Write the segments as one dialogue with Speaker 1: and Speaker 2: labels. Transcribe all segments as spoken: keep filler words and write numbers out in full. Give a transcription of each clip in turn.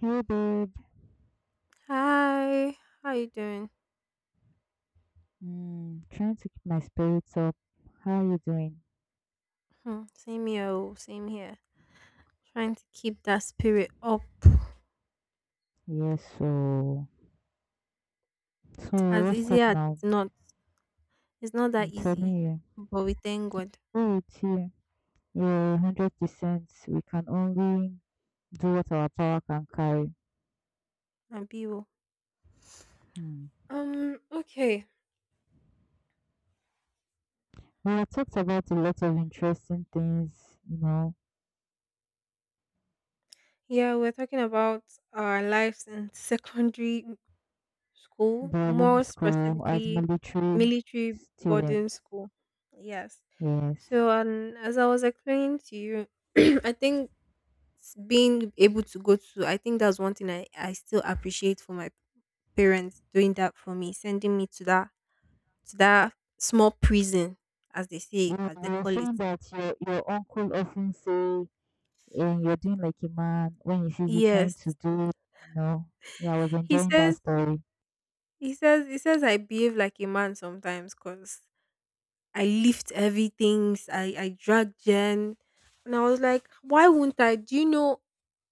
Speaker 1: Hey babe,
Speaker 2: Hi, how you doing?
Speaker 1: mm, trying to keep my spirits up. How are you doing?
Speaker 2: Hmm, same here, oh, same here. Trying to keep that spirit up.
Speaker 1: Yes, so so
Speaker 2: As
Speaker 1: what's up
Speaker 2: easy as
Speaker 1: now?
Speaker 2: it's not, it's not
Speaker 1: I'm
Speaker 2: that
Speaker 1: telling
Speaker 2: easy.
Speaker 1: you.
Speaker 2: But we thank God
Speaker 1: Oh, are with you. Yeah, hundred percent. We can only do what our power can carry.
Speaker 2: and people.
Speaker 1: Hmm.
Speaker 2: Um. Okay.
Speaker 1: We have talked about a lot of interesting things, you know,
Speaker 2: Yeah, we're talking about our lives in secondary school,
Speaker 1: during
Speaker 2: more
Speaker 1: school as
Speaker 2: specifically,
Speaker 1: military
Speaker 2: military boarding
Speaker 1: students.
Speaker 2: school. Yes.
Speaker 1: Yes,
Speaker 2: So, um, as I was explaining to you, I think s- being able to go to I think that's one thing i i still appreciate for my parents doing that for me, sending me to that to that small prison, as they say
Speaker 1: you
Speaker 2: as they
Speaker 1: you were
Speaker 2: call it.
Speaker 1: saying that your your uncle often say and you're doing like a man when he sees you trying to
Speaker 2: Yes.
Speaker 1: do, you know. Yeah, I was
Speaker 2: he
Speaker 1: enjoying that
Speaker 2: says
Speaker 1: story.
Speaker 2: he says he says I behave like a man sometimes because I lift heavy things. I i drag Jen, and I was like, why won't i do you know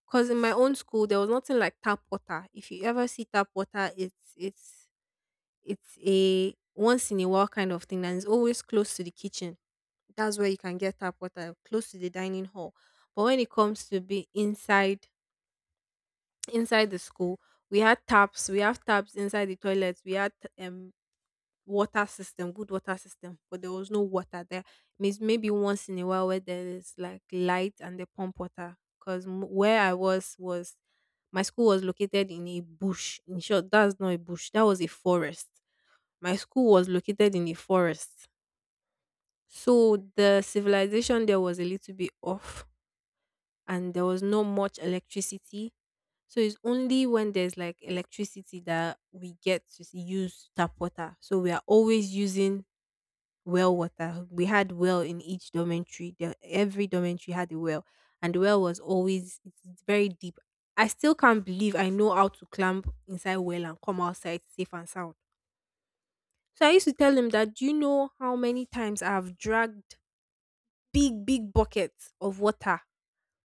Speaker 2: Because in my own school there was nothing like tap water. If you ever see tap water, it's it's It's a once in a while kind of thing, and it's always close to the kitchen. That's where you can get tap water, close to the dining hall. But when it comes to be inside, inside the school, we had taps, we have taps inside the toilets. We had um water system, good water system, but there was no water there. Means maybe once in a while where there is like light and they pump water. Because where I was was my school was located in a bush. In short, that's not a bush. That was a forest. My school was located in a forest. So the civilization there was a little bit off and there was not much electricity. So it's only when there's like electricity that we get to s- use tap water. So we are always using well water. We had well in each dormitory. There, every dormitory had a well, and the well was always, it's it's very deep. I still can't believe I know how to climb inside well and come outside safe and sound. So I used to tell him that, do you know how many times I've dragged big, big buckets of water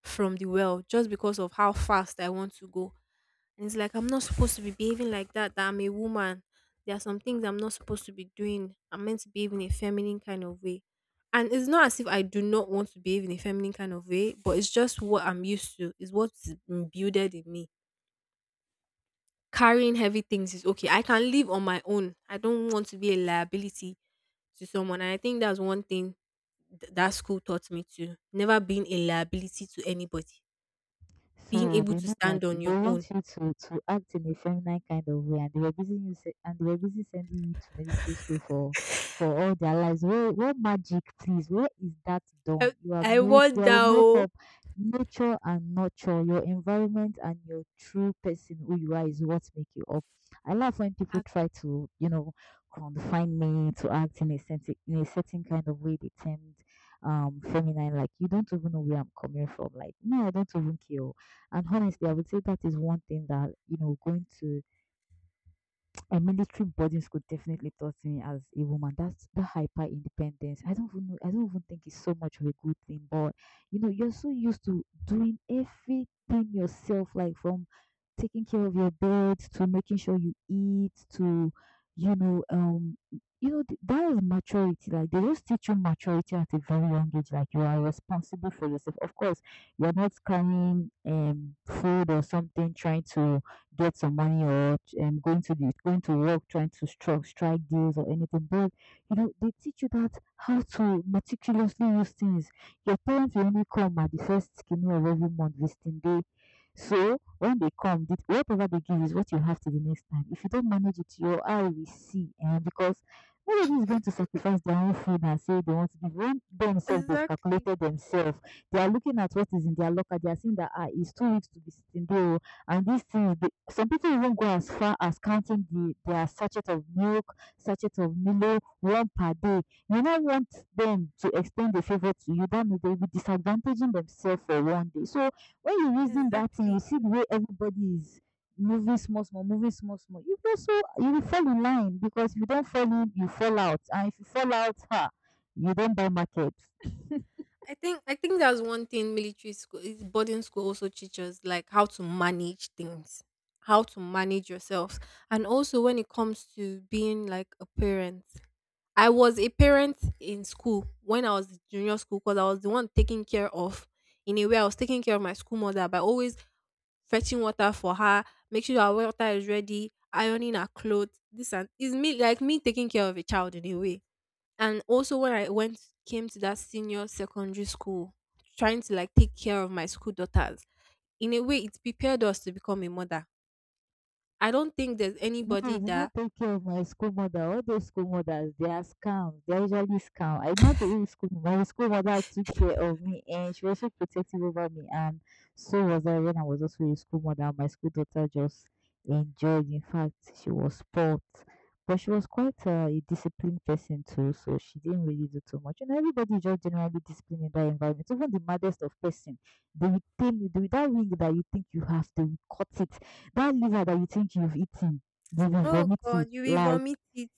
Speaker 2: from the well just because of how fast I want to go? And it's like, I'm not supposed to be behaving like that, that I'm a woman. There are some things I'm not supposed to be doing. I'm meant to behave in a feminine kind of way. And it's not as if I do not want to behave in a feminine kind of way, but it's just what I'm used to. It's what's imbued in me. Carrying heavy things is okay. I can live on my own. I don't want to be a liability to someone. And I think that's one thing th- that school taught me too. Never being a liability to anybody, being
Speaker 1: So
Speaker 2: able
Speaker 1: they
Speaker 2: to
Speaker 1: know that
Speaker 2: stand on
Speaker 1: they
Speaker 2: your own.
Speaker 1: want you to to act in a feminine kind of way, and they were busy you se- and they were busy sending you to military school for for all their lives. Where where magic, please? Where is that
Speaker 2: I,
Speaker 1: done? You are
Speaker 2: I
Speaker 1: make you
Speaker 2: want that.
Speaker 1: are a
Speaker 2: Oh.
Speaker 1: makeup, nature and nurture your environment and your true person who you are is what make you up. I love when people
Speaker 2: Ab-
Speaker 1: try to, you know, confine me to act in a certain in a certain kind of way. They termed um feminine like you don't even know where I'm coming from. Like no, I don't even care, and honestly, I would say that is one thing that, you know, going to a military boarding school definitely taught me as a woman, that's that hyper independence. I don't even know, I don't even think it's so much of a good thing, but you know, you're so used to doing everything yourself, like from taking care of your bed to making sure you eat to you know, um you know, th- that is maturity. Like they just teach you maturity at a very young age. Like you are responsible for yourself. Of course, you're not carrying um food or something, trying to get some money or um, going to the going to work trying to strike strike deals or anything. But you know, they teach you that how to meticulously use things. Your parents will only come at the first skinny of every month visiting day. So when they come, the- whatever they give is what you have to the next time. If you don't manage it, your eye will see, and because nobody is going to sacrifice their own food and say they want to give. When themselves they've
Speaker 2: Exactly.
Speaker 1: calculated themselves, they are looking at what is in their locker. They are seeing that ah, it's two weeks to be sitting there. And these things, they, some people even go as far as counting the their sachet of milk, sachet of Milo, one per day. You don't want them to extend the favor to you. That means they'll be disadvantaging themselves for one day. So when you reason that thing, you
Speaker 2: Exactly.
Speaker 1: see the way everybody is moving small, small, moving small, small. You also you will fall in line because if you don't fall in, you fall out, and if you fall out, ha, you don't buy market.
Speaker 2: I think I think that's one thing military school is boarding school also teaches, like how to manage things, how to manage yourself. And also when it comes to being like a parent, I was a parent in school when I was in junior school, because I was the one taking care of, in a way, I was taking care of my school mother by always fetching water for her, make sure our water is ready, ironing her clothes. This, and it's me like me taking care of a child in a way. And also when I went came to that senior secondary school, trying to like take care of my school daughters. In a way, it prepared us to become a mother. I don't think there's
Speaker 1: No,
Speaker 2: anybody
Speaker 1: it's not
Speaker 2: that.
Speaker 1: take care of my school mother. All those school mothers, they are scams. They are usually scam. I know the real school. My school mother took care of me, and she was so protective over me, and so was I when I was also a school mother. My school daughter just enjoyed. In fact, she was spoilt, but she was quite uh, a disciplined person too. So she didn't really do too much. And everybody is just generally disciplined in that environment. Even the maddest of person, they will tame you. They will, that wing that you think you have, they will cut it. That liver that you think you've eaten, they
Speaker 2: Oh God,
Speaker 1: vomited.
Speaker 2: you will
Speaker 1: Like
Speaker 2: vomit it.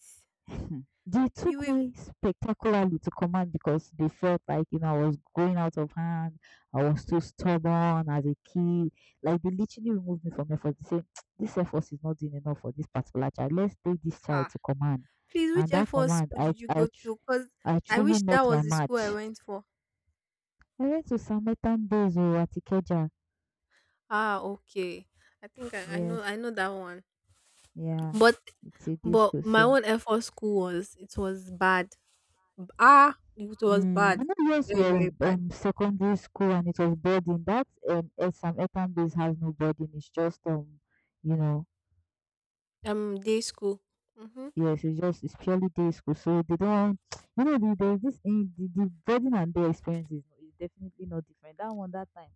Speaker 1: they
Speaker 2: You
Speaker 1: took me
Speaker 2: will
Speaker 1: spectacularly to command because they felt like you know I was going out of hand. I was too stubborn as a kid. Like they literally removed me from effort. They said this effort is not doing enough for this particular child. Let's take this child
Speaker 2: ha.
Speaker 1: to command.
Speaker 2: Please, which
Speaker 1: And that
Speaker 2: F four
Speaker 1: command,
Speaker 2: school
Speaker 1: I
Speaker 2: did you
Speaker 1: I
Speaker 2: go
Speaker 1: tr-
Speaker 2: to? Cause
Speaker 1: I
Speaker 2: I
Speaker 1: truly
Speaker 2: wish that
Speaker 1: met my
Speaker 2: was the school I
Speaker 1: match.
Speaker 2: went for.
Speaker 1: I went to Samaritan Days oh, at Ikeja.
Speaker 2: Ah, okay. I think I, I know,
Speaker 1: Yes,
Speaker 2: I know that one.
Speaker 1: yeah,
Speaker 2: But
Speaker 1: it's a
Speaker 2: but
Speaker 1: disco.
Speaker 2: my
Speaker 1: So
Speaker 2: own F four school, was it was bad. Ah, it was
Speaker 1: mm, you
Speaker 2: bad.
Speaker 1: know, yours
Speaker 2: Very,
Speaker 1: was
Speaker 2: very bad.
Speaker 1: um secondary school, and it was boarding. That um some Etam base has no boarding. It's just um, you know,
Speaker 2: Um, day school. Mm-hmm.
Speaker 1: yes, it's just it's purely day school. So they don't, you know, the, there's this in the, the boarding and day experience is, is definitely not different. That one that time,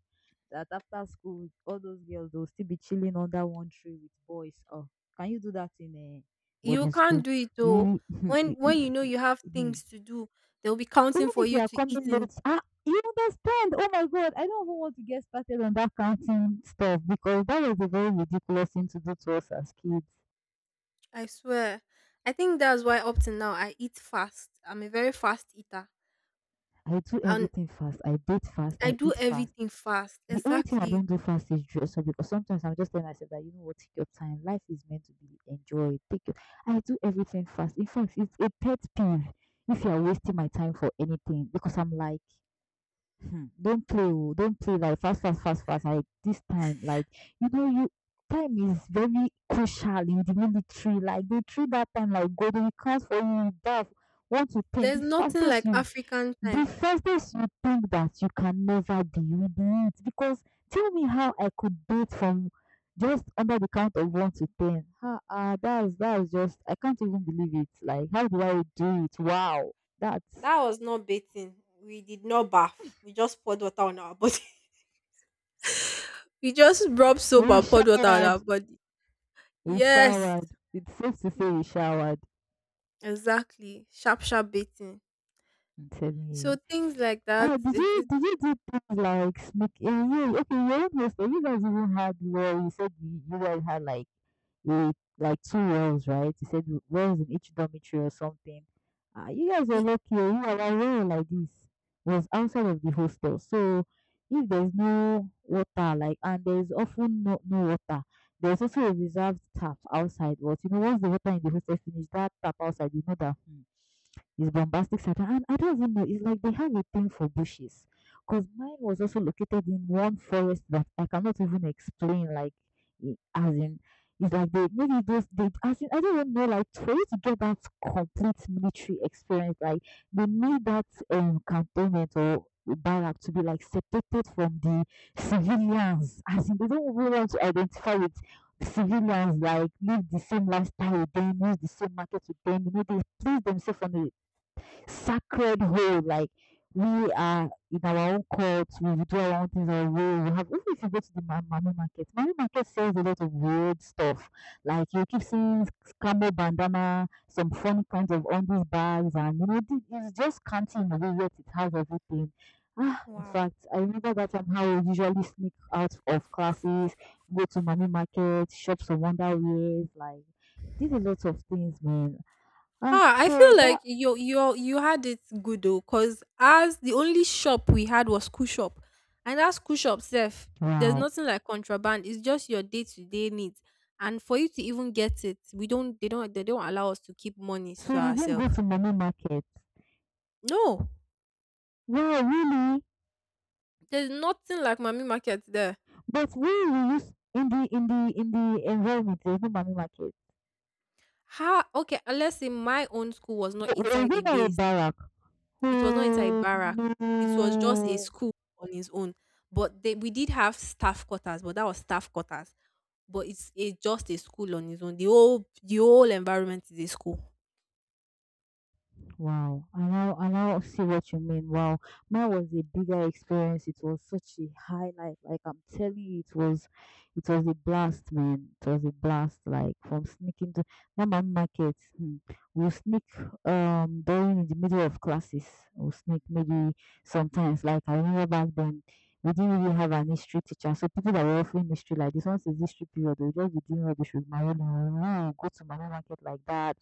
Speaker 1: that after school, all those girls they'll still be chilling under one tree with boys. Oh, can you do that in a
Speaker 2: You
Speaker 1: boarding
Speaker 2: can't
Speaker 1: school?
Speaker 2: do it though.
Speaker 1: You,
Speaker 2: When
Speaker 1: if
Speaker 2: when you know you have
Speaker 1: hmm,
Speaker 2: things to do, they'll be
Speaker 1: even
Speaker 2: counting for
Speaker 1: if you
Speaker 2: you
Speaker 1: are
Speaker 2: to
Speaker 1: coming
Speaker 2: eat. In,
Speaker 1: late, ah, you understand. Oh my God, I don't even want to get started on that counting stuff because that was a very ridiculous thing to do to us as kids.
Speaker 2: I swear, I think that's why up to now I eat fast. I'm a very fast eater.
Speaker 1: I do
Speaker 2: And.
Speaker 1: everything fast. I date fast.
Speaker 2: I
Speaker 1: I
Speaker 2: do
Speaker 1: eat fast.
Speaker 2: everything fast.
Speaker 1: The only thing I
Speaker 2: Exactly.
Speaker 1: don't do fast is dress up because sometimes I'm just telling myself that you know what, take your time. Life is meant to be enjoyed. Take your. I do everything fast. In fact, it's a pet peeve if you are wasting my time for anything because I'm like hmm, don't play, oh, don't play like fast, fast, fast, fast. Like this time, like you know, you time is very crucial in the military. Like they treat that time like gold. When it counts for you. You dive one to ten. The
Speaker 2: There's nothing
Speaker 1: fastest
Speaker 2: like
Speaker 1: you,
Speaker 2: African
Speaker 1: the
Speaker 2: time.
Speaker 1: fastest you think that you can never be, you do it. Because tell me how I could do it from just under the count of one to ten. Ah, ah, that's that's just I can't even believe it. Like how do I do it? Wow, that's
Speaker 2: That was not bathing. We did not bath. We just poured water on our body. We just rub soap
Speaker 1: we
Speaker 2: and poured water on
Speaker 1: showered.
Speaker 2: our body.
Speaker 1: We
Speaker 2: Yes.
Speaker 1: showered. It's safe to say
Speaker 2: Mm.
Speaker 1: we showered.
Speaker 2: Exactly. Sharp, sharp bathing.
Speaker 1: I'm telling
Speaker 2: So
Speaker 1: you.
Speaker 2: things like that.
Speaker 1: Ah, did
Speaker 2: It's,
Speaker 1: you
Speaker 2: it's,
Speaker 1: did you do things like smoke in? You okay? Your own hostel, you guys even had well. You said you, you guys had like a like two wells, right? You said wells in each dormitory or something. Ah, you guys were
Speaker 2: it,
Speaker 1: lucky. Oh, you were like well like this was outside of the hostel, so if there's no water, like and there's often no no water. There's also a reserved tap outside, but you know once the water in the hostel finish, that tap outside, you know that. Hmm, it's bombastic sartan and I don't even know. It's like they have a thing for bushes. Because mine was also located in one forest that I cannot even explain, like, I- as in, it's like they maybe those, they, as in, I don't even know, like, for you to get that complete military experience, like, they need that um, cantonment or barrack to be, like, separated from the civilians. As in, they don't really want to identify with civilians like live the same lifestyle with them, use the same market with them, you know, they place themselves on a sacred hole. Like we are in our own cults, we do our own things on road. We have even if you go to the ma- mami market, mami market sells a lot of weird stuff. Like you keep seeing s- camo bandana, some funny kinds of undies bags, and you know thi- it's just canteen in a way, yet it has everything. Ah, in
Speaker 2: wow.
Speaker 1: fact, I remember that time how we usually sneak out of classes, go to mommy market, shop some wonder wears, like did a lot of things, man. Ah,
Speaker 2: Ah, I
Speaker 1: so
Speaker 2: feel like
Speaker 1: that
Speaker 2: you you you had it good though, cause as the only shop we had was school shop, and that school shop self, there's
Speaker 1: wow.
Speaker 2: nothing like contraband. It's just your day to day needs, and for you to even get it, we don't they don't they don't allow us to keep monies
Speaker 1: So
Speaker 2: to
Speaker 1: we didn't go
Speaker 2: ourselves.
Speaker 1: to money market.
Speaker 2: No,
Speaker 1: Wow, really?
Speaker 2: there's nothing like mommy market there.
Speaker 1: But where we use in the in the in the environment, there's no money market.
Speaker 2: How okay? Unless in my own school was not
Speaker 1: W- w-
Speaker 2: inside
Speaker 1: Was
Speaker 2: a
Speaker 1: it not a
Speaker 2: base.
Speaker 1: barrack?
Speaker 2: It was not inside a
Speaker 1: Oh
Speaker 2: barrack. It was just a
Speaker 1: no.
Speaker 2: school on its own. But they, we did have staff quarters, but that was staff quarters, but it's a just a school on its own. The whole the whole environment is a school.
Speaker 1: Wow, I now I now see what you mean. Wow, mine was a bigger experience. It was such a highlight. Like I'm telling you, it was, it was a blast, man. It was a blast. Like from sneaking to that man market, hmm, we'll sneak um during in the middle of classes. We'll sneak maybe sometimes. Like I remember back then, we didn't really have an history teacher, so people that were offering history like this once is history period, they'll just be doing rubbish with my own. Go to my own market like that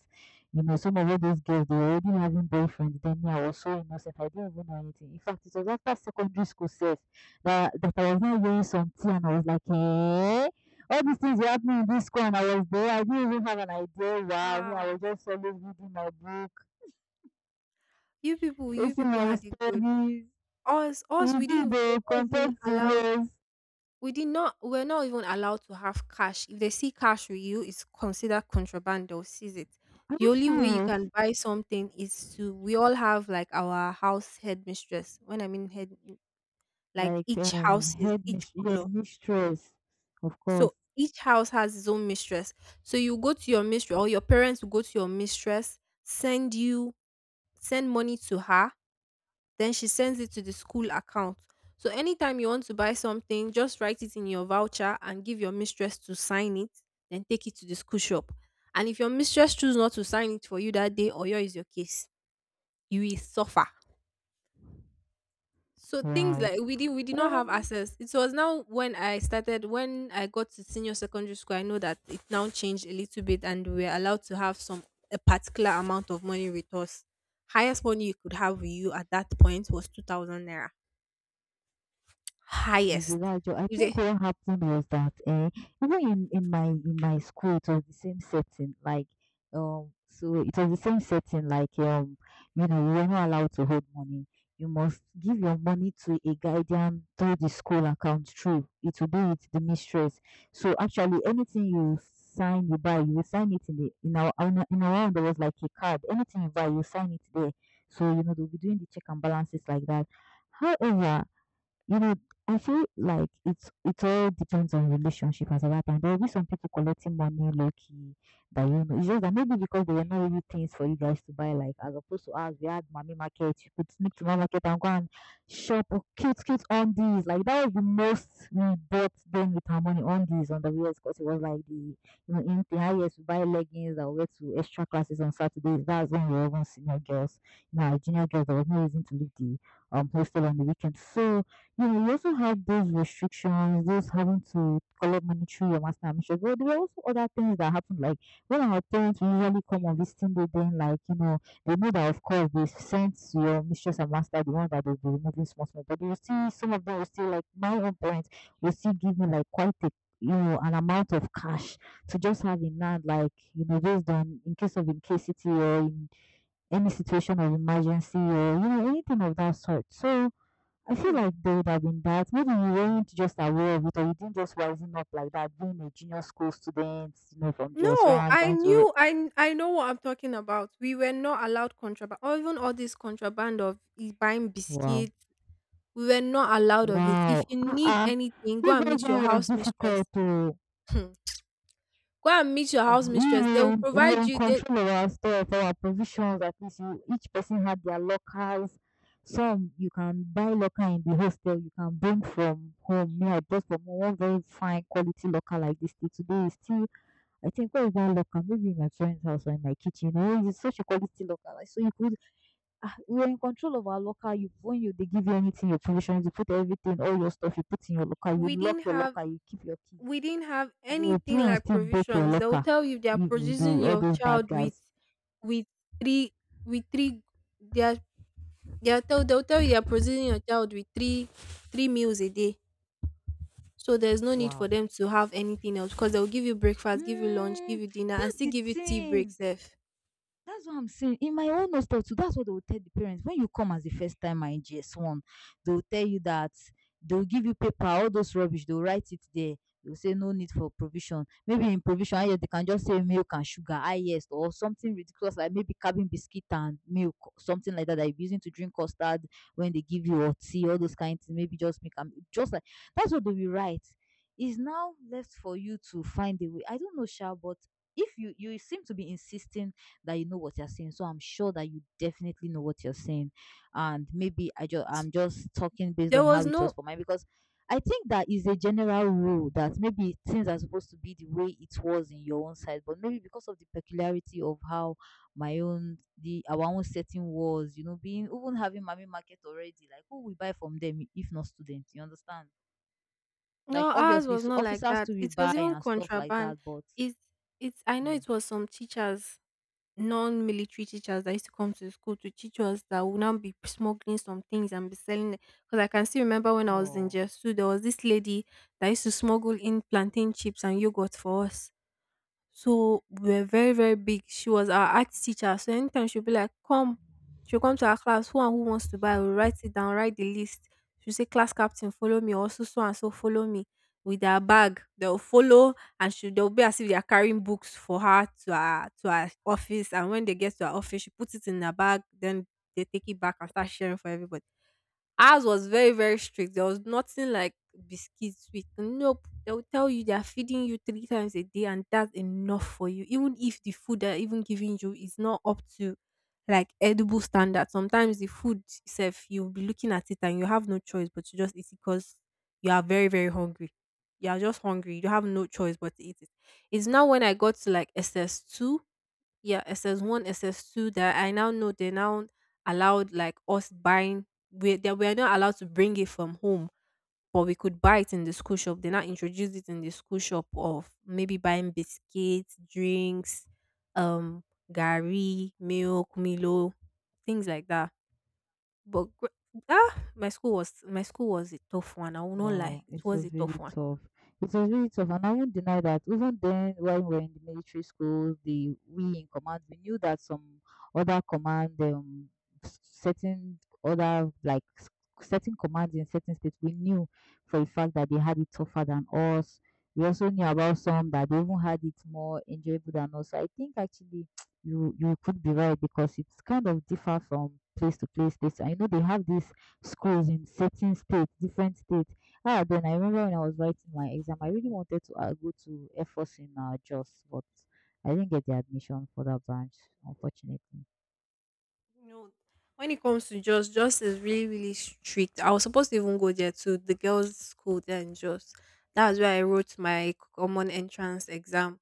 Speaker 1: you know, some of all those girls, they were already having boyfriends. Then me, I was so innocent. I didn't even know anything. In fact, it was after secondary school self that, that I was not wearing some tea and I was like, "Hey, all these things were happening in this school and I was there. I didn't even have an idea. Wow. Me, I was
Speaker 2: Ah,
Speaker 1: just always reading my book,
Speaker 2: you people, you
Speaker 1: facing
Speaker 2: people
Speaker 1: my
Speaker 2: had it good.
Speaker 1: studies.
Speaker 2: Us, us, we
Speaker 1: Reading
Speaker 2: didn't we were
Speaker 1: the
Speaker 2: not even
Speaker 1: content
Speaker 2: allowed.
Speaker 1: serious.
Speaker 2: We did not. We're not even allowed to have cash. If they see cash with you, it's considered contraband. They'll seize it.
Speaker 1: Are
Speaker 2: The
Speaker 1: you
Speaker 2: only way you
Speaker 1: serious?
Speaker 2: can buy something is to. We all have like our house headmistress. When I mean head, like
Speaker 1: Like,
Speaker 2: each
Speaker 1: um,
Speaker 2: houses,
Speaker 1: head
Speaker 2: each
Speaker 1: mis- yeah,
Speaker 2: color.
Speaker 1: mistress, of course.
Speaker 2: So each house has its own mistress. So you go to your mistress, or your parents will go to your mistress, send you send money to her, then she sends it to the school account. So anytime you want to buy something, just write it in your voucher and give your mistress to sign it, then take it to the school shop. And if your mistress choose not to sign it for you that day, or your is your case, you will suffer. So things
Speaker 1: Wow.
Speaker 2: like we did we did not have
Speaker 1: Um,
Speaker 2: access. It was now when I started when I got to senior secondary school. I know that it now changed a little bit, and we were allowed to have some a particular amount of money with us. Highest money you could have with you at that point was two thousand naira. Highest.
Speaker 1: Isilajo, I
Speaker 2: If they.
Speaker 1: think what happened was that eh, even in, in my in my school it was the same setting, like um so it was the same setting, like um, you know, you were not allowed to hold money. You must give your money to a guardian through the school account. True, it will be with the mistress. So actually, anything you sign, you buy, you will sign it in the in our in our in our own, there was like a card. Anything you buy, you sign it there. So you know they'll be doing the check and balances like that. However, you know, I feel like it's it all depends on relationship at that time. There will be some people collecting money low key that you know. It's just that maybe because there were not really things for you guys to buy, like as opposed to us, we had mommy market. You could sneak to mommy market and go and shop or cute cute on these. Like that was the most we bought then with our money on these on the wheels because it was like the you know in the highest we buy leggings that we wear to extra classes on Saturdays. That's when we were even senior girls. You know, as junior girls there was no reason to leave the um hostel on the weekend. So no, no, you know, we also have those restrictions, those having to collect money through your master admission. But there were also other things that happened. Like when our parents will usually come on visiting, they then like you know they know that of course they sent your mistress and master the one that they'll be removing small small. But you see, some of them will still like my own parents will still give me like quite a you know an amount of cash to just have in hand, like you know based on in case of incasity or in any situation of emergency or you know anything of that sort. So I feel
Speaker 2: Hmm.
Speaker 1: like there would have been that. Maybe you weren't just aware of it, or you didn't just rising up like that, being a junior school student, you know, from GS
Speaker 2: No,
Speaker 1: one
Speaker 2: I
Speaker 1: trying to.
Speaker 2: knew I kn- I know what I'm talking about. We were not allowed contraband, or even all this contraband of i- buying
Speaker 1: Wow.
Speaker 2: biscuits. We were not allowed of it. If
Speaker 1: Wow.
Speaker 2: you
Speaker 1: Uh
Speaker 2: need
Speaker 1: uh
Speaker 2: anything, go
Speaker 1: You
Speaker 2: and
Speaker 1: guys
Speaker 2: meet your
Speaker 1: know it was
Speaker 2: house mistress.
Speaker 1: difficult to.
Speaker 2: Hmm. Go and meet your
Speaker 1: Uh,
Speaker 2: house
Speaker 1: we,
Speaker 2: mistress. They
Speaker 1: were
Speaker 2: will
Speaker 1: in, we were
Speaker 2: provide
Speaker 1: in
Speaker 2: you. They
Speaker 1: control of our stuff, our provisions. At least you, each person had their lockers. Some you can buy locker in the hostel, you can bring from home. Me, I bought from one very fine quality locker like this. Till today, it's still I think where is that locker? Maybe in my friend's house or in my kitchen. Oh, it's such a quality locker. Like, so you could, ah, we're in control of our locker. You phone you they give you anything, your provisions, you put everything, all your stuff, you put in your locker. You
Speaker 2: we
Speaker 1: lock
Speaker 2: didn't
Speaker 1: your
Speaker 2: have
Speaker 1: locker. You keep your key.
Speaker 2: we didn't have
Speaker 1: Though
Speaker 2: anything
Speaker 1: people will
Speaker 2: like
Speaker 1: still break your
Speaker 2: provisions. They will
Speaker 1: locker.
Speaker 2: tell you they are
Speaker 1: You, the
Speaker 2: producing
Speaker 1: All
Speaker 2: your
Speaker 1: those bad
Speaker 2: child with
Speaker 1: guys.
Speaker 2: with three, with three they are they are tell they'll tell you they are producing your child with three three meals a day. So there's no need for
Speaker 1: Wow.
Speaker 2: them to have anything else, because they'll give you breakfast, give you lunch,
Speaker 1: Mm,
Speaker 2: give you dinner, and
Speaker 1: that's
Speaker 2: still
Speaker 1: the
Speaker 2: give you tea
Speaker 1: thing.
Speaker 2: breaks. If
Speaker 1: That's what I'm saying. In my own hostel too, that's what they will tell the parents. When you come as the first time in G S one, they will tell you that they'll give you paper, all those rubbish, they'll write it there. They'll say no need for provision. Maybe in provision, ah, yes, they can just say milk and sugar, ah, yes, or something ridiculous like maybe cabin biscuit and milk, something like that that you're using to drink custard when they give you or tea, all those kind of things. Maybe just make them just like that's what they will write. It's now left for you to find a way. I don't know, Sha, but if you you seem to be insisting that you know what you're saying. So I'm sure that you definitely know what you're saying. And maybe I just I'm just talking based
Speaker 2: there
Speaker 1: on how
Speaker 2: was
Speaker 1: it was
Speaker 2: no
Speaker 1: for mine because I think that is a general rule that maybe things are supposed to be the way it was in your own side, but maybe because of the peculiarity of how my own the our own setting was, you know, being even having mommy market already, like who we buy from them if not students, you understand? Like
Speaker 2: no Ours
Speaker 1: obviously
Speaker 2: was
Speaker 1: so
Speaker 2: not like
Speaker 1: officers
Speaker 2: that.
Speaker 1: to we
Speaker 2: It
Speaker 1: buy
Speaker 2: was even
Speaker 1: and stuff like
Speaker 2: contraband.
Speaker 1: that, but
Speaker 2: It's it's I know
Speaker 1: mm,
Speaker 2: it was some teachers non-military teachers that used to come to school to teach us, that would now be smuggling some things and be selling it. Because I can still remember when I was in
Speaker 1: oh,
Speaker 2: Jesu, there was this lady that used to smuggle in plantain chips and yogurt for us. So we were very, very big. She was our art teacher. So anytime she'll be like, come, she'll come to our class, who and who wants to buy? We'll write it down, write the list. She'll say, class captain, follow me. Also, so so and so, follow me. With their bag, they'll follow, and she they'll be as if they are carrying books for her, to her to her office. And when they get to her office, she puts it in her bag, then they take it back and start sharing for everybody. Ours was very, very strict. There was nothing like biscuit, sweet. Nope. They will tell you they are feeding you three times a day, and that's enough for you. Even if the food they're even giving you is not up to like edible standard. Sometimes the food itself you'll be looking at it, and you have no choice but to just eat it, because you are very, very hungry. You are just hungry. You have no choice but to eat it. It's now when I got to like S S two, yeah, S S one, S S two, that I now know they now allowed like us buying, we that we are not allowed to bring it from home, but we could buy it in the school shop. They now introduced it in the school shop of maybe buying biscuits, drinks, um, gari, milk, Milo, things like that. But gr- ah, my school was my school was a tough one. I will not lie,
Speaker 1: wow,
Speaker 2: it
Speaker 1: it
Speaker 2: was
Speaker 1: was
Speaker 2: a tough
Speaker 1: really
Speaker 2: one.
Speaker 1: tough. It was really tough, and I won't deny that. Even then, while we were in the military school, the we in command, we knew that some other command, um, s- certain other like s- certain commands in certain states, we knew for a fact that they had it tougher than us. We also knew about some that they even had it more enjoyable than us. So I think actually you you could be right because it's kind of differ from place to place. Place, I know they have these schools in certain states, different states. Ah, then I remember when I was writing my exam, I really wanted to uh, go to F O S in uh, Jos, but I didn't get the admission for that branch, unfortunately.
Speaker 2: You know, when it comes to Jos, Jos is really, really strict. I was supposed to even go there to the girls' school there in Jos. That's where I wrote my common entrance exam.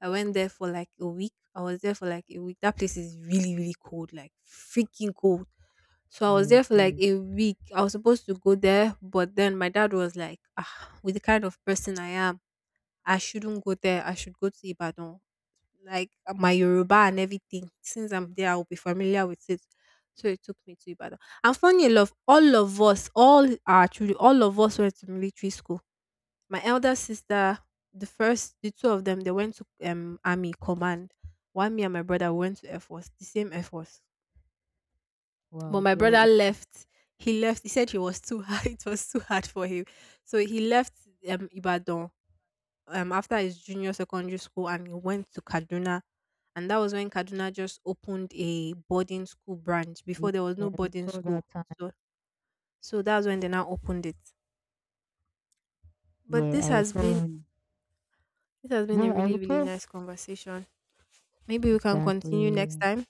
Speaker 2: I went there for like a week. I was there for like a week. That place is really, really cold, like freaking cold. So I was
Speaker 1: Yeah, it
Speaker 2: there for like
Speaker 1: is.
Speaker 2: a week. I was supposed to go there, but then my dad was like, ah, with the kind of person I am, I shouldn't go there. I should go to Ibadan, like uh, my Yoruba and everything. Since I'm there, I'll be familiar with it. So it took me to Ibadan. And funny enough, all of us, all our children, all of us went to military school. My elder sister, the first, the two of them, they went to um army command. One me and my brother went to Air Force, the same Air Force. But
Speaker 1: Wow,
Speaker 2: my
Speaker 1: girl,
Speaker 2: brother
Speaker 1: it's this-
Speaker 2: left. He left. He said he was too hard. It was too hard for him. So he left um Ibadan um after his junior secondary school, and he went to Kaduna, and that was when Kaduna just opened a boarding school branch.
Speaker 1: yeah,
Speaker 2: Before, there was
Speaker 1: I
Speaker 2: no boarding
Speaker 1: recall
Speaker 2: school,
Speaker 1: that time.
Speaker 2: so so that's when they now opened it. But
Speaker 1: Yeah,
Speaker 2: this
Speaker 1: I
Speaker 2: has
Speaker 1: recall
Speaker 2: been
Speaker 1: when.
Speaker 2: this has been
Speaker 1: Yeah,
Speaker 2: a
Speaker 1: I
Speaker 2: really, really
Speaker 1: recall
Speaker 2: nice conversation. Maybe we can continue next
Speaker 1: exactly.
Speaker 2: time.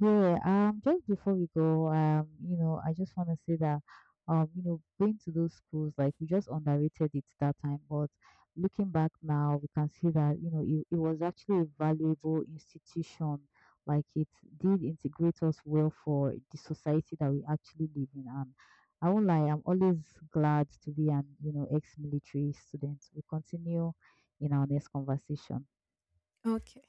Speaker 1: Yeah, um, just before we go, um, you know, I just want to say that, um, you know, going to those schools, like we just underrated it that time, but looking back now, we can see that, you know, it, it was actually a valuable institution. Like it did integrate us well for the society that we actually live in. And I won't lie, I'm always glad to be an, you know, ex-military student. We continue in our next conversation.
Speaker 2: Okay.